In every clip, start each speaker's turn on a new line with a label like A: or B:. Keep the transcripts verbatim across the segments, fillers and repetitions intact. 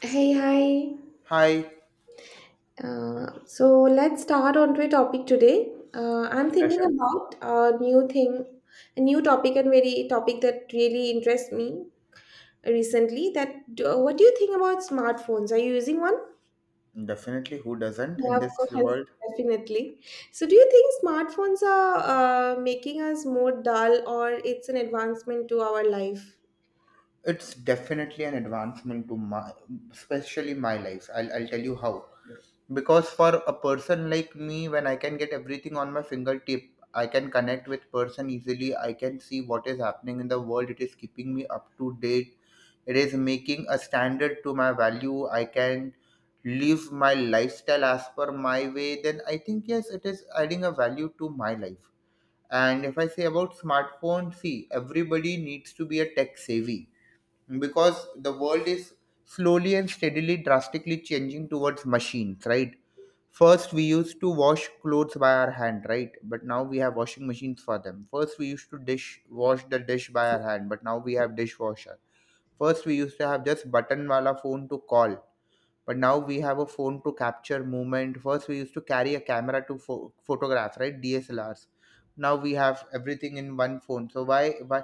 A: Hey, hi.
B: Hi,
A: Uh, so let's start on to a topic today. Uh, I'm thinking
B: Sasha.
A: about a new thing, a new topic, and very topic that really interests me recently. That uh, What do you think about smartphones? Are you using one?
B: Definitely, who doesn't
A: Yeah,
B: in
A: of
B: this
A: course,
B: world?
A: definitely. So, do you think smartphones are uh, making us more dull, or it's an advancement to our life?
B: It's definitely an advancement to my, especially my life. I'll, I'll tell you how. Because for a person like me, when I can get everything on my fingertip, I can connect with person easily. I can see what is happening in the world. It is keeping me up to date. It is making a standard to my value. I can live my lifestyle as per my way. Then I think yes, it is adding a value to my life. And if I say about smartphone, see, everybody needs to be a tech savvy because the world is slowly and steadily drastically changing towards machines, right? First, we used to wash clothes by our hand, right? But now we have washing machines for them. First, we used to dish wash the dish by our hand, but now we have dishwasher. First, we used to have just button wala phone to call, but now we have a phone to capture movement. First we used to carry a camera to pho- photograph, right? DSLRs. Now we have everything in one phone. So why why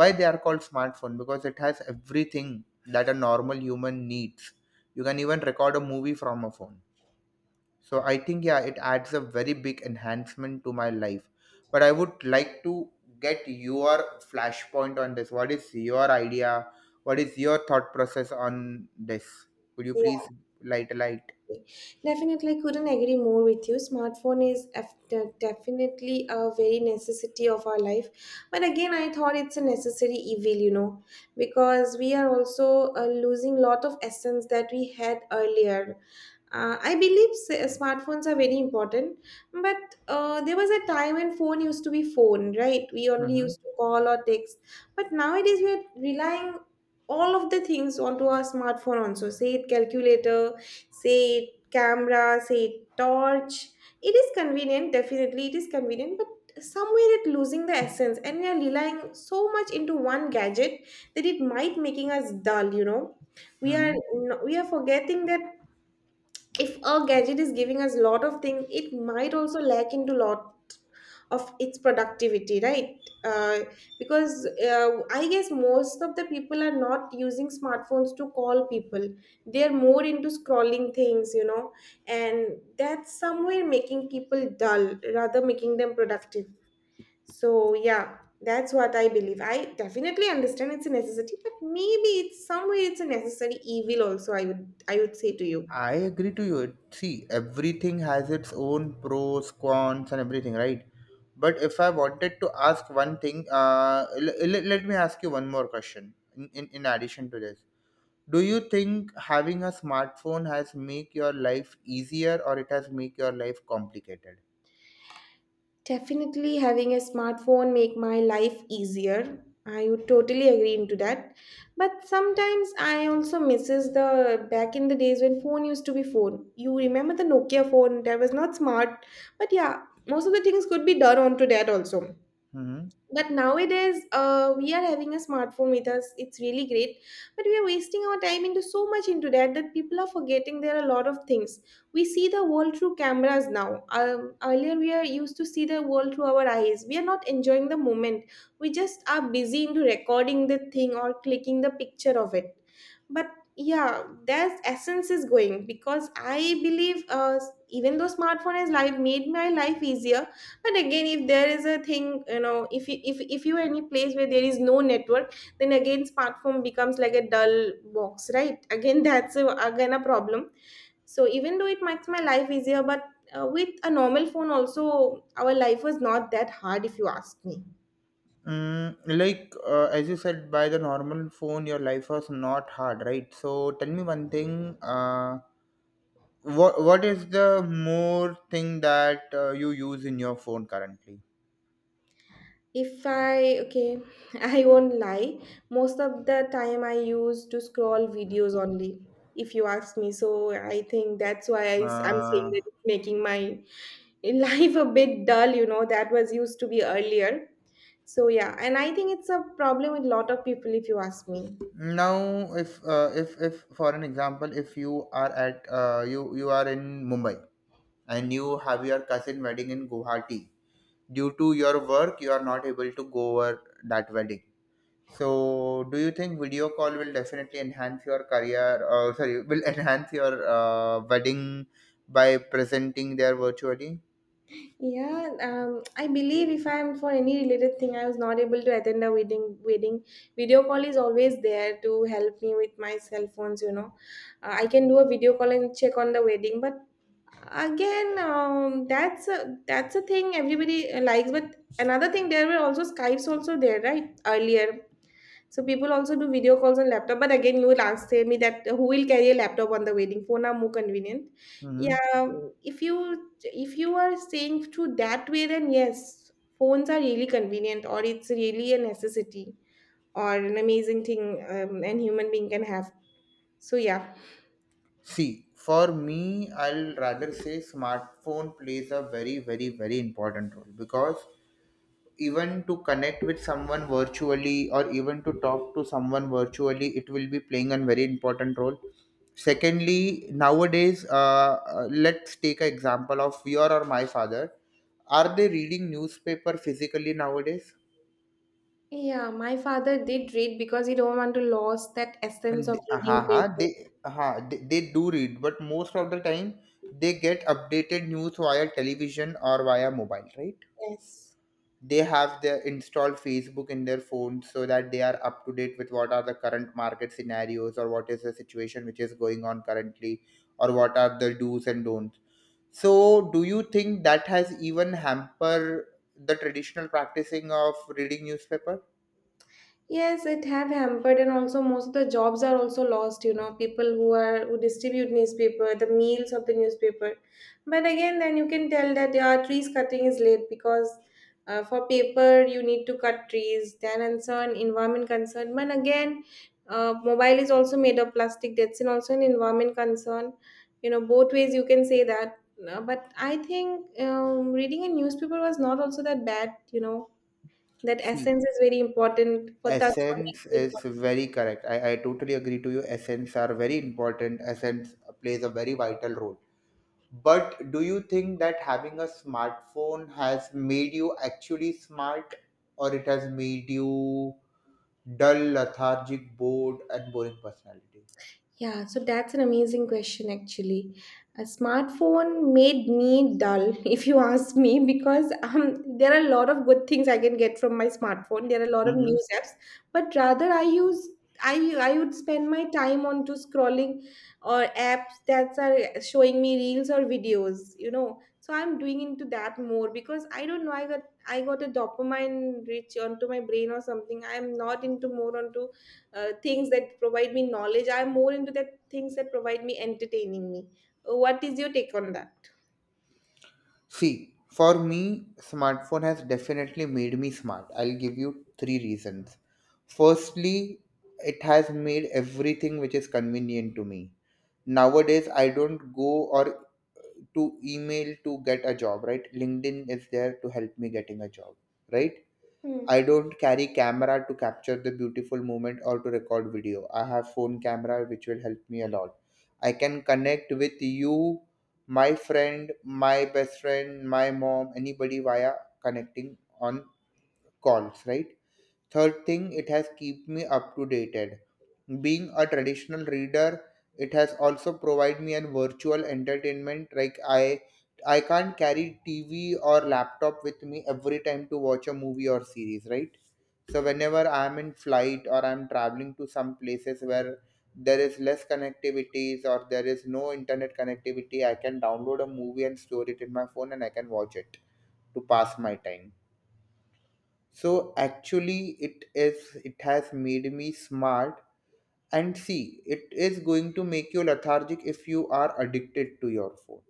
B: why they are called smartphone? Because it has everything that a normal human needs. You can even record a movie from a phone. So I think yeah, it adds a very big enhancement to my life. But I would like to get your flashpoint on this. What is your idea? What is your thought process on this? Could you please light a light?
A: Definitely, I couldn't agree more with you. Smartphone is af- de- definitely a very necessity of our life, but again, I thought it's a necessary evil, you know, because we are also uh, losing lot of essence that we had earlier. uh, I believe s- uh, smartphones are very important, but uh, there was a time when phone used to be phone, right? We only
B: Hmm.
A: used to call or text, but nowadays we are relying all of the things onto our smartphone also. Say it calculator, say it camera, say it torch. It is convenient, definitely it is convenient, but somewhere it losing the essence, and we are relying so much into one gadget that it might making us dull. You know, we are
B: Hmm.
A: we are forgetting that if a gadget is giving us a lot of things, it might also lack into lot of its productivity, right? uh, because uh, I guess most of the people are not using smartphones to call people. They're more into scrolling things, you know, and that's somewhere making people dull rather making them productive. So yeah, that's what I believe. I definitely understand it's a necessity, but maybe it's somewhere it's a necessary evil also, i would i would say to you.
B: I agree to you. It- See, everything has its own pros, cons, and everything, right? But if I wanted to ask one thing, uh, l- l- let me ask you one more question in, in, in addition to this. Do you think having a smartphone has make your life easier or it has make your life complicated?
A: Definitely having a smartphone make my life easier. I would totally agree into that. But sometimes I also misses the back in the days when phone used to be phone. You remember the Nokia phone that was not smart, but yeah, most of the things could be done onto that also.
B: Hmm.
A: But nowadays uh, we are having a smartphone with us, it's really great, but we are wasting our time into so much into that, that people are forgetting there are a lot of things. We see the world through cameras now. Um, earlier we are used to see the world through our eyes. We are not enjoying the moment, we just are busy into recording the thing or clicking the picture of it. But yeah, that essence is going because I believe, uh, even though smartphone has life made my life easier, but again, if there is a thing, you know, if you if, if you are in a place where there is no network, then again smartphone becomes like a dull box, right? Again that's a, again a problem. So even though it makes my life easier, but uh, with a normal phone also, our life was not that hard if you ask me.
B: Mm, like uh, as you said, by the normal phone, your life was not hard, right? So tell me one thing. Uh, what what is the more thing that uh, you use in your phone currently?
A: If I, okay, I won't lie, most of the time I use to scroll videos only, if you ask me. So I think that's why I am saying
B: Uh,
A: that it's making my life a bit dull, you know, that was used to be earlier. So yeah, and I think it's a problem with lot of people, if you ask me.
B: now, if uh, if if for an example, if you are at uh, you you are in Mumbai and you have your cousin wedding in Guwahati, due to your work you are not able to go over that wedding. So do you think video call will definitely enhance your career, uh, sorry, will enhance your uh, wedding by presenting there virtually?
A: Yeah, um, I believe if I'm for any related thing, I was not able to attend a wedding. Wedding video call is always there to help me with my cell phones. You know, uh, I can do a video call and check on the wedding. But again, um, that's a that's a thing everybody likes. But another thing, there were also Skypes also there, right? Earlier, so people also do video calls on laptop, but again, you will ask say me that uh, who will carry a laptop on the wedding? Phone are more convenient.
B: Hmm.
A: Yeah, if you if you are saying through that way, then yes, phones are really convenient, or it's really a necessity or an amazing thing um, an human being can have. So yeah,
B: See, for me, I'll rather say smartphone plays a very very very important role, because even to connect with someone virtually or even to talk to someone virtually it will be playing a very important role. Secondly, nowadays, uh, uh, let's take an example of your or my father. Are they reading newspaper physically nowadays?
A: yeah. My father did read because he don't want to lose that essence
B: And
A: of reading
B: uh,
A: paper.
B: they, uh, they they do read, but most of the time they get updated news via television or via mobile, right?
A: Yes.
B: They have their installed Facebook in their phone so that they are up to date with what are the current market scenarios or what is the situation which is going on currently, or what are the do's and don'ts. So do you think that has even hamper the traditional practicing of reading newspaper?
A: Yes, it have hampered, and also most of the jobs are also lost. You know, people who are who distribute newspaper, the meals of the newspaper. But again, then you can tell that yeah, trees cutting is late because uh, for paper you need to cut trees. Then concern environment concern. But again, uh, mobile is also made of plastic. That's an also an environment concern. You know, both ways you can say that. Uh, but I think um, reading a newspaper was not also that bad. You know that essence
B: See,
A: is very important for touch of
B: essence
A: that.
B: is very correct. I, I totally agree to you, essence are very important, essence plays a very vital role. But do you think that having a smartphone has made you actually smart, or it has made you dull, lethargic, bored, and boring personality?
A: Yeah, so that's an amazing question actually. A smartphone made me dull, if you ask me, because um, there are a lot of good things I can get from my smartphone. There are a lot of
B: Hmm.
A: news apps, but rather I use, I I would spend my time on to scrolling or apps that are showing me reels or videos, you know. So I'm doing into that more because I don't know, I got I got a dopamine rich onto my brain or something. I'm not into more onto uh, things that provide me knowledge. I'm more into the things that provide me entertaining me. Uh, What is your take on that?
B: See, for me, smartphone has definitely made me smart. I'll give you three reasons. Firstly, it has made everything which is convenient to me. Nowadays, I don't go or to email to get a job, right? LinkedIn is there to help me getting a job, right?
A: Hmm.
B: I don't carry camera to capture the beautiful moment or to record video. I have phone camera which will help me a lot. I can connect with you, my friend, my best friend, my mom, anybody via connecting on calls, right? Third thing, it has kept me up to dated. Being a traditional reader, it has also provided me a virtual entertainment. Like I, I can't carry T V or laptop with me every time to watch a movie or series, right? So
A: Yeah.
B: whenever I am in flight or I am traveling to some places where there is less connectivities or there is no internet connectivity, I can download a movie and store it in my phone, and I can watch it to pass my time. So actually it is, it has made me smart. And see, it is going to make you lethargic if you are addicted to your phone,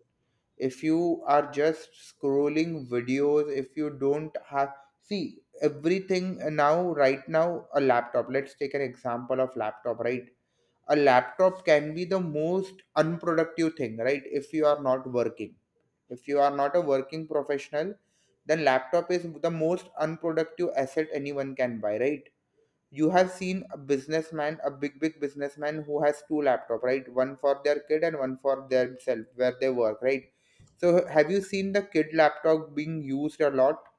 B: if you are just scrolling videos, if you don't have. See, everything now, right now a laptop, let's take an example of laptop, right? A laptop can be the most unproductive thing, right? If you are not working, if you are not a working professional, then laptop is the most unproductive asset anyone can buy, right? You have seen a businessman, a big big businessman who has two laptop, right? One for their kid and one for themselves where they work, right? So have you seen the kid laptop being used a lot?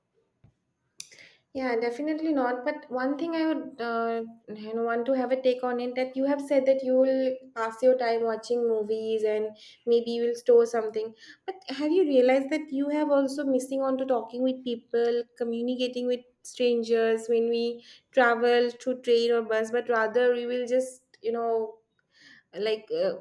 A: Yeah, definitely not. But one thing I would, uh, you know, want to have a take on it that you have said that you will pass your time watching movies and maybe you will store something. But have you realized that you have also missing on to talking with people, communicating with strangers when we travel through train or bus, but rather we will just, you know, like uh,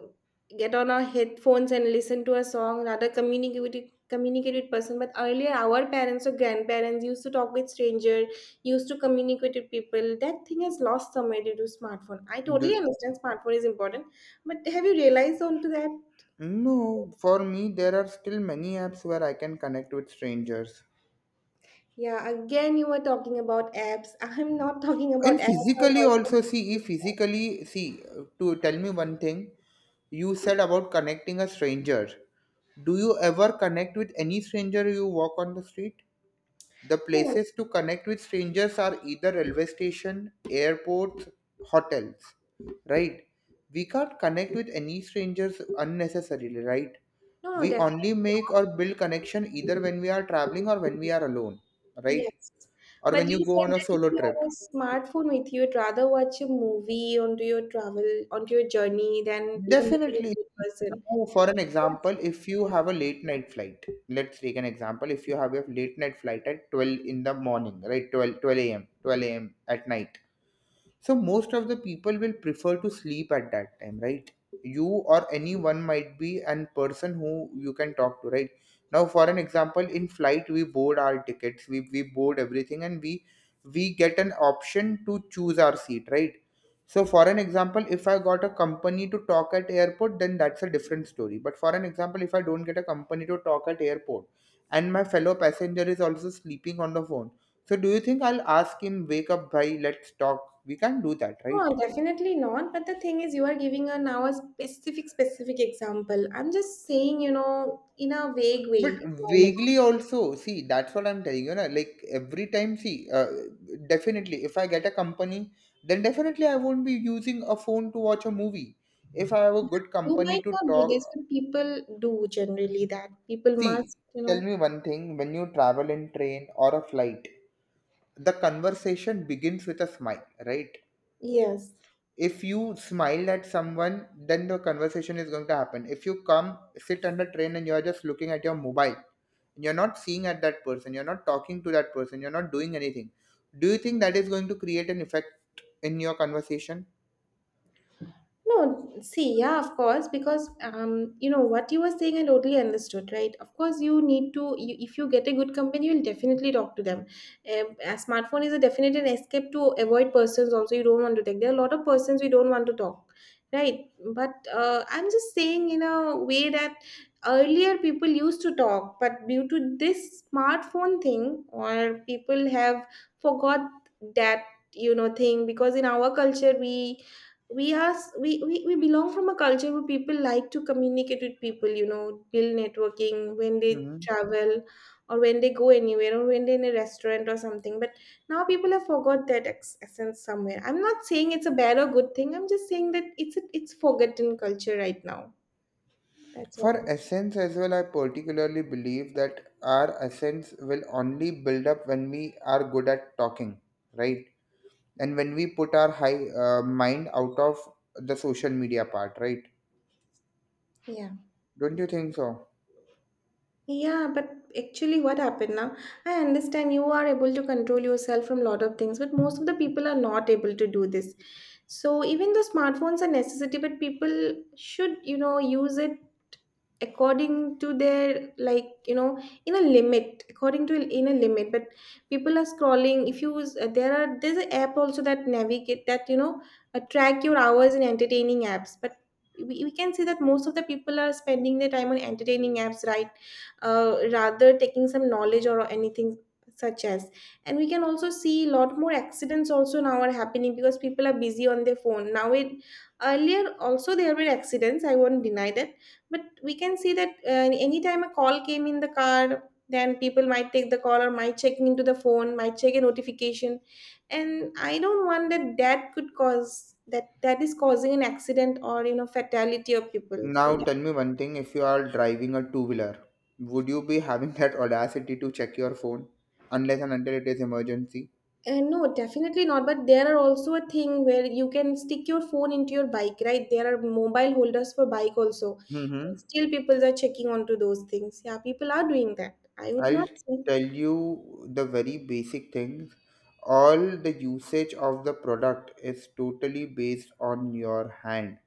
A: get on our headphones and listen to a song rather communicate with it, communicate with person. But earlier our parents or grandparents used to talk with stranger, used to communicate with people. That thing has lost somewhere due to smartphone. I totally
B: do,
A: understand smartphone is important, but have you realized onto that?
B: no, for me there are still many apps where I can connect with strangers.
A: Yeah, again you were talking about apps. I'm not talking about
B: And
A: apps or
B: physically
A: virtual.
B: also, see, if physically, see, to tell me one thing, you said about connecting a stranger. Do you ever connect with any stranger you walk on the street? The
A: no
B: places to connect with strangers are either railway station, airports, hotels, right? We can't connect with any strangers unnecessarily, right?
A: no no,
B: We
A: definitely
B: only make or build connection either when we are traveling or when we are alone, right?
A: Yes.
B: Or
A: But
B: when
A: you
B: you go
A: said
B: on a
A: that if
B: solo
A: you
B: trip.
A: have a smartphone with you, you'd rather watch a movie onto your travel, onto your journey than commuting
B: Definitely.
A: with a person.
B: Now, for an
A: That's,
B: example, if you have a late night flight, let's take an example. If you have a late night flight at twelve in the morning, right? Twelve, twelve a m, twelve a m at night. So most of the people will prefer to sleep at that time, right? You or anyone might be an person who you can talk to, right? Now, for an example, in flight we board our tickets, we, we board everything, and we we get an option to choose our seat, right? So, for an example, if I got a company to talk at airport, then that's a different story. But for an example, if I don't get a company to talk at airport, and my fellow passenger is also sleeping on the phone, so do you think I'll ask him, wake up, bhai, let's talk? We can't do that, right?
A: no, definitely not. But the thing is, you are giving a now a specific, specific example. I'm just saying, you know, in a vague
B: But
A: way, normally.
B: vaguely also, see, that's what I'm telling you, na. Like every time, see, uh, definitely, if I get a company, then definitely I won't be using a phone to watch a movie. If I have a good
A: You
B: company
A: might
B: to
A: not do
B: talk,
A: this, but people do generally that. People
B: see,
A: must, you
B: tell
A: know.
B: me one thing, when you travel in train or a flight, the conversation begins with a smile, right?
A: Yes.
B: If you smile at someone, then the conversation is going to happen. If you come sit on the train and you're just looking at your mobile, you're not seeing at that person, you're not talking to that person, you're not doing anything. Do you think that is going to create an effect in your conversation?
A: No, see, yeah, of course, because um, you know what you were saying, I totally understood, right? Of course, you need to. You, if you get a good company, you'll definitely talk to them. Um, a smartphone is a definite an escape to avoid persons. Also, you don't want to take. There are a lot of persons we don't want to talk, right? But uh, I'm just saying in a way that earlier people used to talk, but due to this smartphone thing, or people have forgot that you know thing because in our culture we we are s- we, we we belong from a culture where people like to communicate with people, you know, build networking when they
B: Hmm.
A: travel or when they go anywhere or when they're in a restaurant or something. But now people have forgot that ex- essence somewhere. I'm not saying it's a bad or good thing. I'm just saying that it's a, it's forgotten culture right now. That's what
B: For
A: I'm
B: essence as well, I particularly believe that our essence will only build up when we are good at talking, right? And when we put our high uh, mind out of the social media part, right?
A: saying. Yeah.
B: Don't you think so?
A: Yeah, but actually, what happened now? I understand you are able to control yourself from lot of things, but most of the people are not able to do this. So even though smartphones are necessity, but people should, you know, use it according to their like, you know, in a limit, according to in a limit. But people are scrolling. If you use uh, there are there's an app also that navigate that, you know, uh, track your hours in entertaining apps. But we, we can see that most of the people are spending their time on entertaining apps, right? Uh, rather taking some knowledge or anything such as. And we can also see a lot more accidents also now are happening because people are busy on their phone now. It earlier also there were accidents, I won't deny that. But we can see that uh, anytime a call came in the car, then people might take the call or might check into the phone, might check a notification. And I don't want that, that could cause that that is causing an accident or, you know, fatality of people. So
B: Now tell me one thing, if you are driving a two-wheeler, would you be having that audacity to check your phone unless and until it is emergency?
A: and no, definitely not. But there are also a thing where you can stick your phone into your bike, right? There are mobile holders for bike also. And
B: Mm-hmm.
A: still people are checking onto those things. Yeah, people are doing that. I would not
B: I'll
A: say.
B: tell you the very basic things. All the usage of the product is totally based on your hand.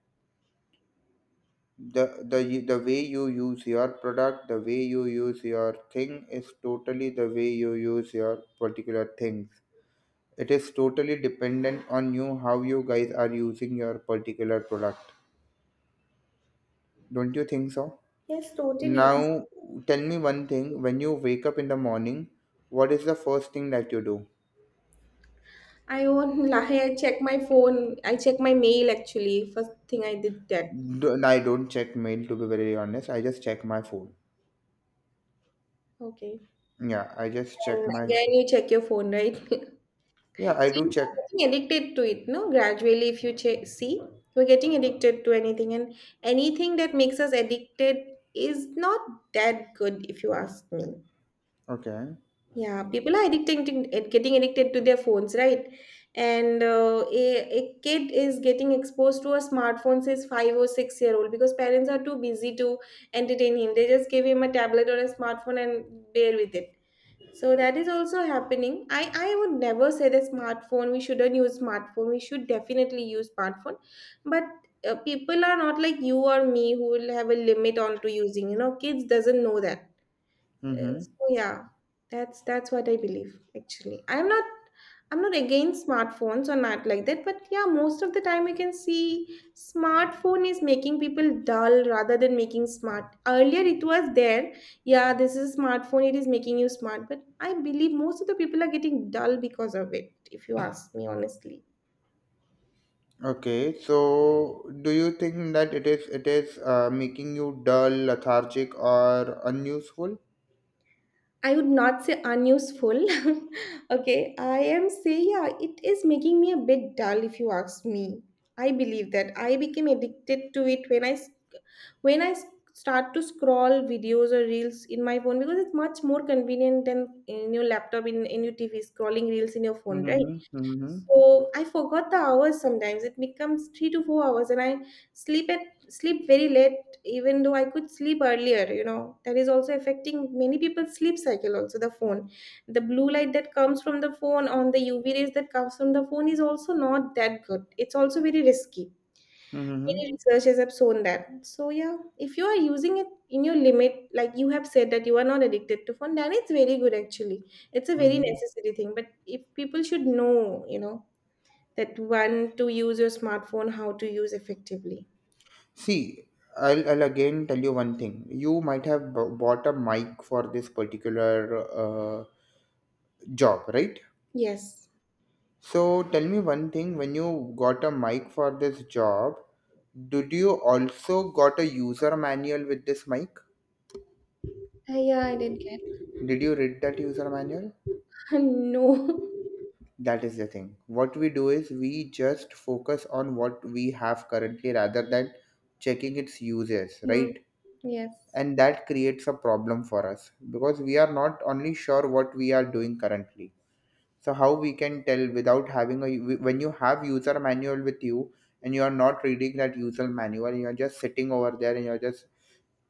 B: The, the the way you use your product, the way you use your thing is totally the way you use your particular things. It is totally dependent on you how you guys are using your particular product. Don't you think so?
A: Yes, totally.
B: Now, tell me one thing. When you wake up in the morning, what is the first thing that you do?
A: I won't lie. I check my phone. I check my mail actually. First thing I did that.
B: Do, I don't check mail to be very honest. I just check my phone.
A: Okay.
B: Yeah, I just check
A: And
B: my. Ph-.
A: again, you check your phone, right?
B: Yeah, I
A: So
B: do
A: you're
B: check.
A: getting addicted to it, no? Gradually, if you ch- see, we're getting addicted to anything, and anything that makes us addicted is not that good, if you ask me.
B: Okay.
A: Yeah, people are addicting to, at- getting addicted to their phones, right? And uh, a, a kid is getting exposed to a smartphone since five or six year old because parents are too busy to entertain him. They just give him a tablet or a smartphone and bear with it. So that is also happening. I, I would never say that smartphone, we shouldn't use smartphone. We should definitely use smartphone. But uh, people are not like you or me who will have a limit on to using. You know, kids doesn't know that uh,
B: Mm-hmm.
A: so yeah, that's that's what I believe actually. I'm not I'm not against smartphones or not like that, but yeah, most of the time we can see smartphone is making people dull rather than making smart. Earlier it was there, yeah, this is a smartphone, it is making you smart, but I believe most of the people are getting dull because of it, if you ask me honestly.
B: Okay. So, do you think that it is it is uh, making you dull, lethargic, or unuseful?
A: I would not say unuseful. Okay, I am say yeah, it is making me a bit dull if you ask me. I believe that I became addicted to it when I s- when I s- start to scroll videos or reels in my phone because it's much more convenient than in your laptop in, in your T V scrolling reels in your phone, right?
B: Mm-hmm. Mm-hmm.
A: So I forgot the hours sometimes. It becomes three to four hours, and I sleep at sleep very late, even though I could sleep earlier. You know that is also affecting many people's sleep cycle. Also, the phone, the blue light that comes from the phone on the U V rays that comes from the phone is also not that good. It's also very risky.
B: Mm-hmm.
A: Many researchers have shown that. So yeah, if you are using it in your limit, like you have said that you are not addicted to phone, then it's very good actually. It's a very
B: Mm-hmm.
A: necessary thing, but if people should know, you know, that when to use your smartphone, how to use effectively.
B: See, I'll, I'll again tell you one thing. You might have b- bought a mic for this particular uh, job, right?
A: Yes.
B: So tell me one thing. When you got a mic for this job, did you also got a user manual with this mic?
A: Uh, yeah, I did get.
B: Did you read that user manual?
A: No.
B: That is the thing. What we do is we just focus on what we have currently rather than checking its uses,
A: Mm,
B: right?
A: yes.
B: And that creates a problem for us, because we are not only sure what we are doing currently, so how we can tell without having a when you have user manual with you, and you are not reading that user manual, you are just sitting over there, and you are just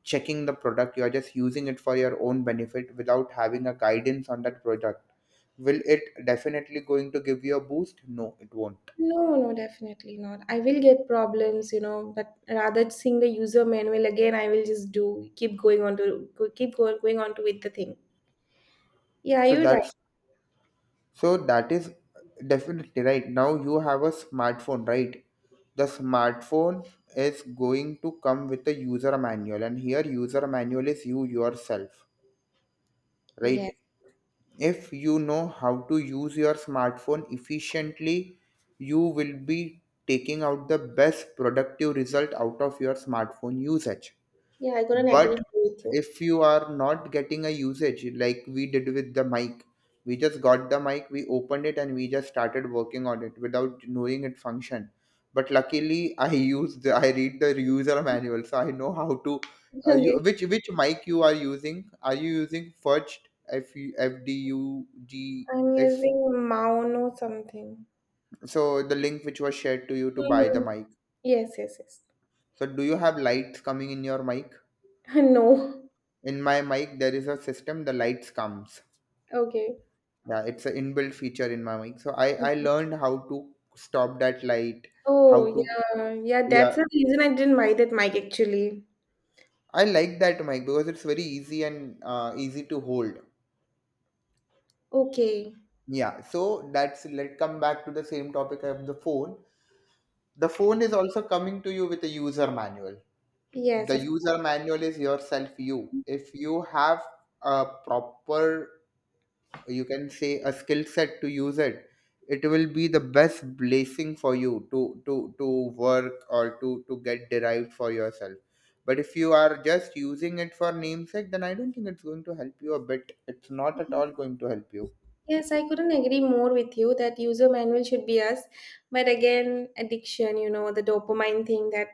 B: checking the product, you are just using it for your own benefit without having a guidance on that product. Will it definitely going to give you a boost? No, it won't.
A: No, no, definitely not. I will get problems, you know, but rather seeing the user manual again, I will just do keep going on to go- keep go- going on to with the thing. Yeah,
B: so
A: you're right.
B: that's So that is definitely right. Now you have a smartphone, right? The smartphone is going to come with a user manual, and here user manual is you yourself,
A: Yes.
B: right? If you know how to use your smartphone efficiently, you will be taking out the best productive result out of your smartphone usage.
A: Yeah, I couldn't agree
B: But
A: more with you.
B: if you are not getting a usage like we did with the mic, we just got the mic, we opened it, and we just started working on it without knowing it function. But luckily, I use the I read the user manual, so I know how to. Uh,
A: Okay.
B: you, which which mic you are using? Are you using Fudged F U F D U G
A: I'm
B: F?
A: using Maono something.
B: So the link which was shared to you to buy the
A: Mhm.
B: mic.
A: Yes, yes, yes.
B: So do you have lights coming in your mic?
A: No.
B: In my mic, there is a system. The lights comes.
A: Okay.
B: Yeah, it's an inbuilt feature in my mic, so i i
A: Mhm.
B: learned how to stop that light. How
A: Oh,
B: to
A: yeah. Yeah, that's
B: Yeah,
A: the reason I didn't buy that mic actually.
B: I like that mic because it's very easy and uh, easy to hold.
A: Okay.
B: Yeah, so that's let us come back to the same topic of the phone. The phone is also coming to you with a user manual.
A: Yes,
B: The
A: of
B: user
A: course.
B: manual is yourself. You If you have a proper, you can say, a skill set to use it, it will be the best blessing for you to to to work or to to get derived for yourself. But if you are just using it for namesake, then I don't think it's going to help you a bit. It's not at all going to help you.
A: Yes, I couldn't agree more with you that user manual should be us. But again, addiction, you know, the dopamine thing that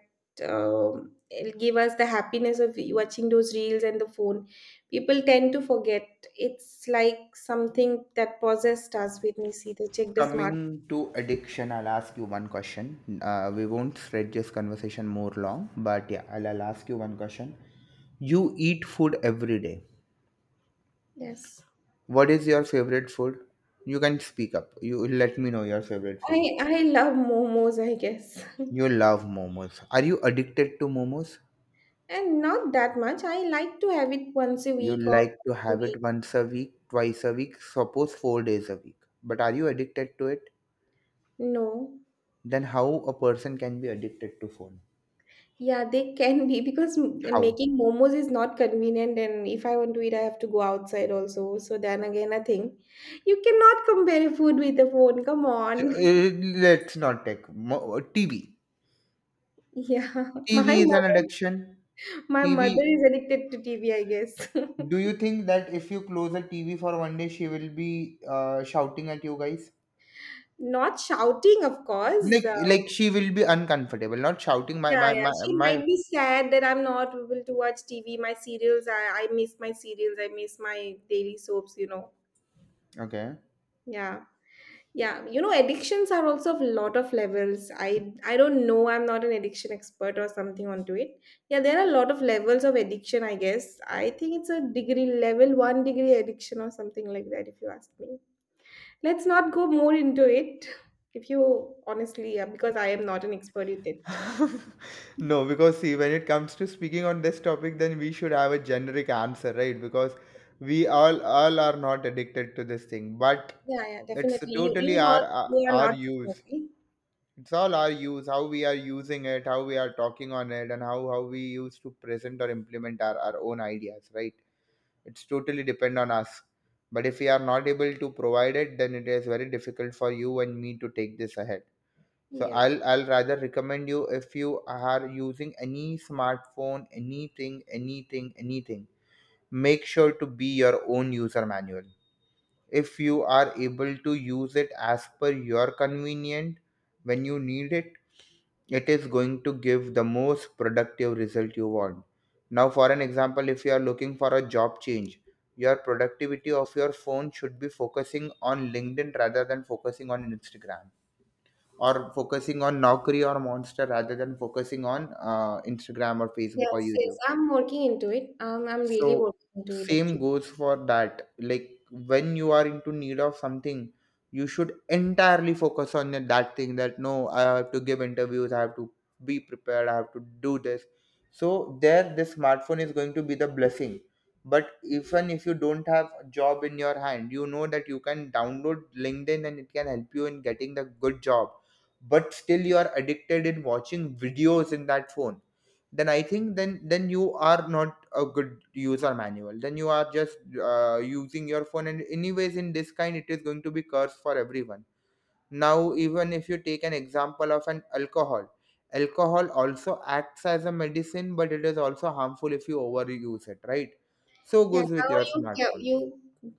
A: um, it'll give us the happiness of watching those reels and the phone. People tend to forget. It's like something that possessed us when we see they check the smart.
B: Coming to addiction, I'll ask you one question. Uh, we won't stretch this conversation more long, but yeah, I'll, I'll ask you one question. You eat food every day.
A: Yes.
B: What is your favorite food? You can speak up. You let me know your favorite food.
A: I I love momos, I guess.
B: You love momos. Are you addicted to momos?
A: And not that much. I like to have it once a
B: You
A: week or
B: like to
A: twice a
B: have
A: week.
B: it once a week, twice a week, suppose four days a week. But are you addicted to it?
A: No.
B: Then how a person can be addicted to phone?
A: Yeah, they can be because m-
B: How?
A: making momos is not convenient, and if I want to eat, I have to go outside also. So then again, I think you cannot compare food with a phone. Come
B: So,
A: on.
B: uh, let's not take mo- uh, T V.
A: Yeah, my
B: T V is an
A: mother,
B: addiction.
A: my mother
B: T V.
A: is addicted to T V, I guess.
B: Do you think that if you close a T V for one day, she will be uh, shouting at you guys?
A: Not shouting, of course.
B: Like,
A: Uh,
B: like she will be uncomfortable, not shouting. My,
A: Yeah,
B: my,
A: yeah.
B: my,
A: She
B: my.
A: might be sad that I'm not able to watch T V, my serials. I, I miss my serials. I miss my daily soaps, you know.
B: Okay.
A: Yeah. Yeah. You know, addictions are also of a lot of levels. I I don't know. I'm not an addiction expert or something onto it. Yeah, there are a lot of levels of addiction, I guess. I think it's a degree level, one degree addiction or something like that, if you ask me. Let's not go more into it, if you honestly, yeah, because I am not an expert in it.
B: No, because see, when it comes to speaking on this topic, then we should have a generic answer, right? Because we all all are not addicted to this thing, but
A: Yeah, yeah,
B: it's
A: definitely. You,
B: totally
A: you
B: our
A: not,
B: our
A: you are
B: our
A: not
B: use.
A: definitely.
B: It's all our use, how we are using it, how we are talking on it, and how how we use to present or implement our our own ideas, right? It's totally depend on us. But if we are not able to provide it, then it is very difficult for you and me to take this ahead. So
A: Yeah.
B: I'll I'll rather recommend you, if you are using any smartphone, anything, anything, anything, make sure to be your own user manual. If you are able to use it as per your convenient, when you need it, it is going to give the most productive result you want. Now, for an example, if you are looking for a job change, your productivity of your phone should be focusing on LinkedIn rather than focusing on Instagram, or focusing on Naukri or Monster rather than focusing on uh, Instagram or Facebook or
A: Yes, yes.
B: YouTube.
A: I'm working into it. Um, I'm really
B: So
A: working into it
B: same
A: actually.
B: goes for that. Like when you are into need of something, you should entirely focus on that that thing, that no, I have to give interviews, I have to be prepared, I have to do this. So there the smartphone is going to be the blessing. But even if you don't have a job in your hand, you know that you can download LinkedIn and it can help you in getting the good job. But still you are addicted in watching videos in that phone, then I think, then then you are not a good user manual. Then you are just uh, using your phone, and anyways in this kind it is going to be curse for everyone. Now even if you take an example of an alcohol, alcohol also acts as a medicine, but it is also harmful if you overuse it, right? So
A: Yeah.
B: goes with
A: Now
B: your
A: you ca-
B: smartphone.
A: you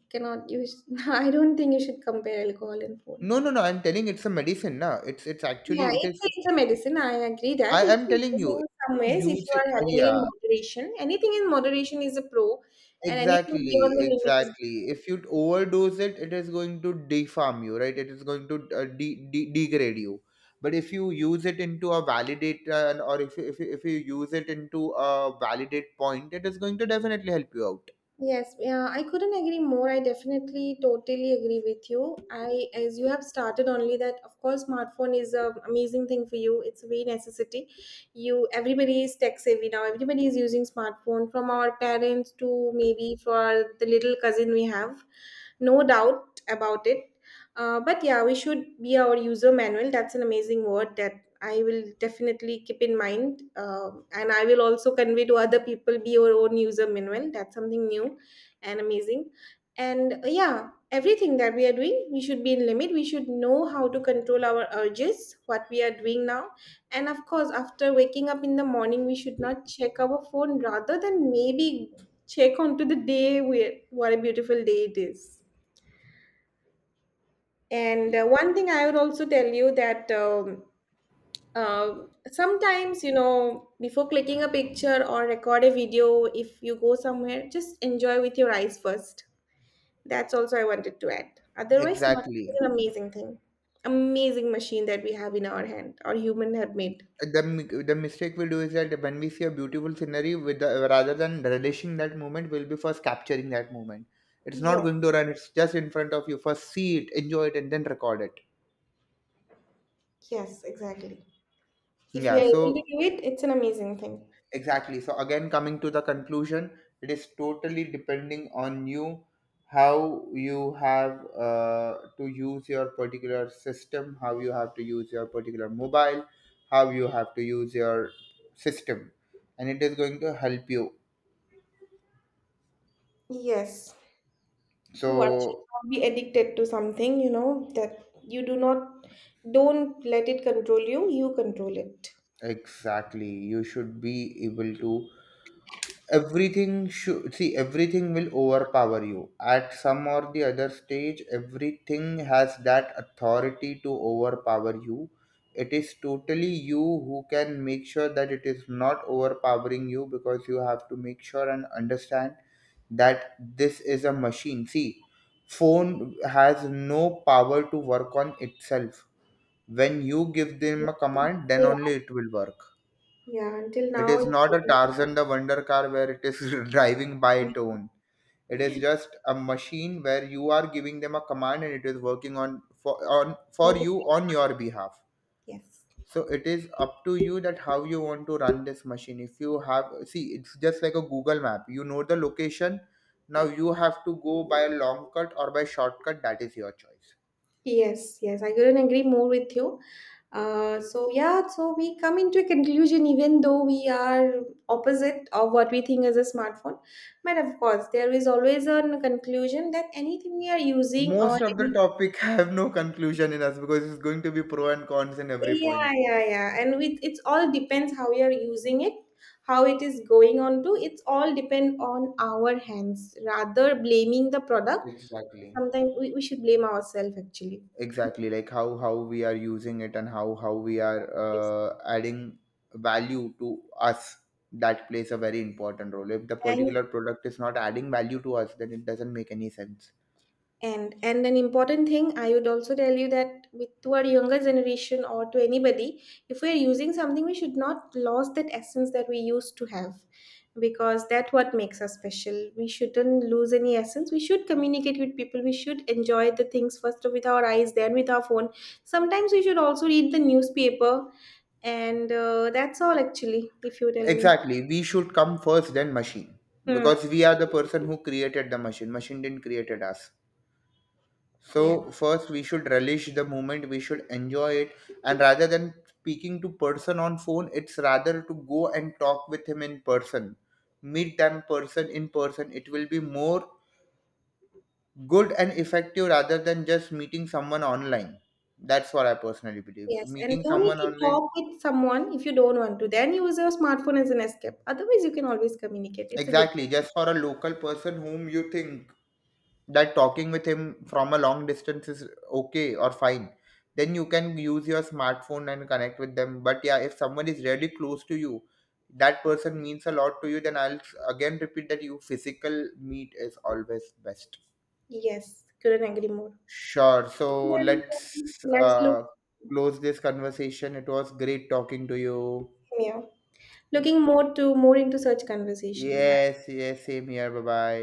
A: cannot use. I don't think you should compare alcohol and phone.
B: No, no, no, I'm telling it's a medicine, na, it's it's
A: Yeah,
B: actually it
A: it's
B: is.
A: a, it's a medicine. I agree that
B: I am
A: it's a
B: telling
A: medicine
B: you,
A: in some ways.
B: you
A: If
B: use
A: you
B: it,
A: are
B: uh,
A: having it in
B: yeah.
A: moderation, anything in moderation is a pro, and anything beyond
B: Exactly,
A: the limit is
B: exactly. If you overdose it, it is going to deform you, right? It is going to uh, de- de- degrade you. But if you use it into a validator, or if you, if you, if you use it into a validate point, it is going to definitely help you out.
A: yes, yeah, I couldn't agree more. I definitely totally agree with you. I, as you have started only that, of course, smartphone is a amazing thing for you. It's a very necessity. You, everybody is tech savvy now. Everybody is using smartphone from our parents to maybe for the little cousin we have. No doubt about it. Uh, but yeah, we should be our user manual. That's an amazing word that I will definitely keep in mind, um, and I will also convey to other people be your own user manual. That's something new and amazing. And uh, yeah, everything that we are doing, we should be in limit. We should know how to control our urges, what we are doing now, and of course, after waking up in the morning, we should not check our phone. Rather than maybe check onto the day where what a beautiful day it is. And uh, one thing I would also tell you that. Um, uh, sometimes you know before clicking a picture or record a video if you go somewhere just enjoy with your eyes first, that's also I wanted to add. Otherwise smartphone is
B: Exactly.
A: an amazing thing, amazing machine that we have in our hand or human have made.
B: The, mi- the mistake we do is that when we see a beautiful scenery, with the, rather than relishing that moment, we'll be first capturing that moment. It's not
A: Yes,
B: going to run. It's just in front of you. First see it, enjoy it, and then record it.
A: yes, exactly. If we
B: Yeah.
A: are able to
B: So
A: do it, it's an amazing thing.
B: exactly. So again, coming to the conclusion, it is totally depending on you, how you have uh, to use your particular system, how you have to use your particular mobile, how you have to use your system, and it is going to help you.
A: Yes, one should
B: So
A: not be addicted to something, you know, that you do not, don't let it control you, you control it.
B: exactly, you should be able to everything should see, everything will overpower you at some or the other stage. Everything has that authority to overpower you. It is totally you who can make sure that it is not overpowering you, because you have to make sure and understand that this is a machine. See, phone has no power to work on itself. When you give them a command, then only
A: Yeah.
B: it will work.
A: Yeah, until
B: It
A: now,
B: is
A: it
B: not a Tarzan the Wonder Car where it is driving by its own. It is just a machine where you are giving them a command, and it is working on for on for you on your behalf.
A: yes.
B: So it is up to you that how you want to run this machine. If you have, see, it's just like a Google map. You know the location. Now you have to go by a long cut or by shortcut. That is your choice.
A: Yes, yes, I couldn't agree more with you. Uh, so yeah, so we come into a conclusion, even though we are opposite of what we think is a smartphone. But of course, there is always a conclusion that anything we are using or
B: Most of the
A: any,
B: topic have no conclusion in us because it's going to be pro and cons in every
A: yeah,
B: point.
A: yeah, yeah, and with it's all depends how we are using it, how it is going on to. It's all depend on our hands rather blaming the product.
B: Exactly.
A: Sometimes we, we should blame ourselves actually.
B: Exactly, like how how we are using it, and how how we are
A: Yes.
B: uh, adding value to us, that plays a very important role. If the
A: And
B: particular product is not adding value to us, then it doesn't make any sense.
A: and and an important thing, I would also tell you that with to our younger generation or to anybody, if we're using something, we should not lose that essence that we used to have, because that what makes us special. We shouldn't lose any essence. We should communicate with people. We should enjoy the things first with our eyes, then with our phone. Sometimes we should also read the newspaper, and uh, that's all actually. If you tell me,
B: Exactly, we should come first, then machine,
A: hmm.
B: because we are the person who created the machine. Machine didn't created us.
A: Yeah.
B: So first we should relish the moment, we should enjoy it, and rather than speaking to person on phone, it's rather to go and talk with him in person. Meet them person in person. It will be more good and effective rather than just meeting someone online. That's what I personally believe.
A: Yes, and
B: Meeting
A: no need
B: someone
A: to
B: online,
A: talk with someone if you don't want to. Then use your smartphone as an escape. Otherwise, you can always communicate. It's a good
B: exactly,
A: thing.
B: just for a local person whom you think that talking with him from a long distance is okay or fine, then you can use your smartphone and connect with them. But yeah, if someone is really close to you, that person means a lot to you, then i'll s- again repeat that you physical meet is always best.
A: Yes, couldn't agree more.
B: Sure, so
A: Then um,
B: let's
A: let's look
B: uh, close this conversation. It was great talking to you.
A: yeah. Looking more to more into such conversation.
B: Yes, yes, same here. Bye bye.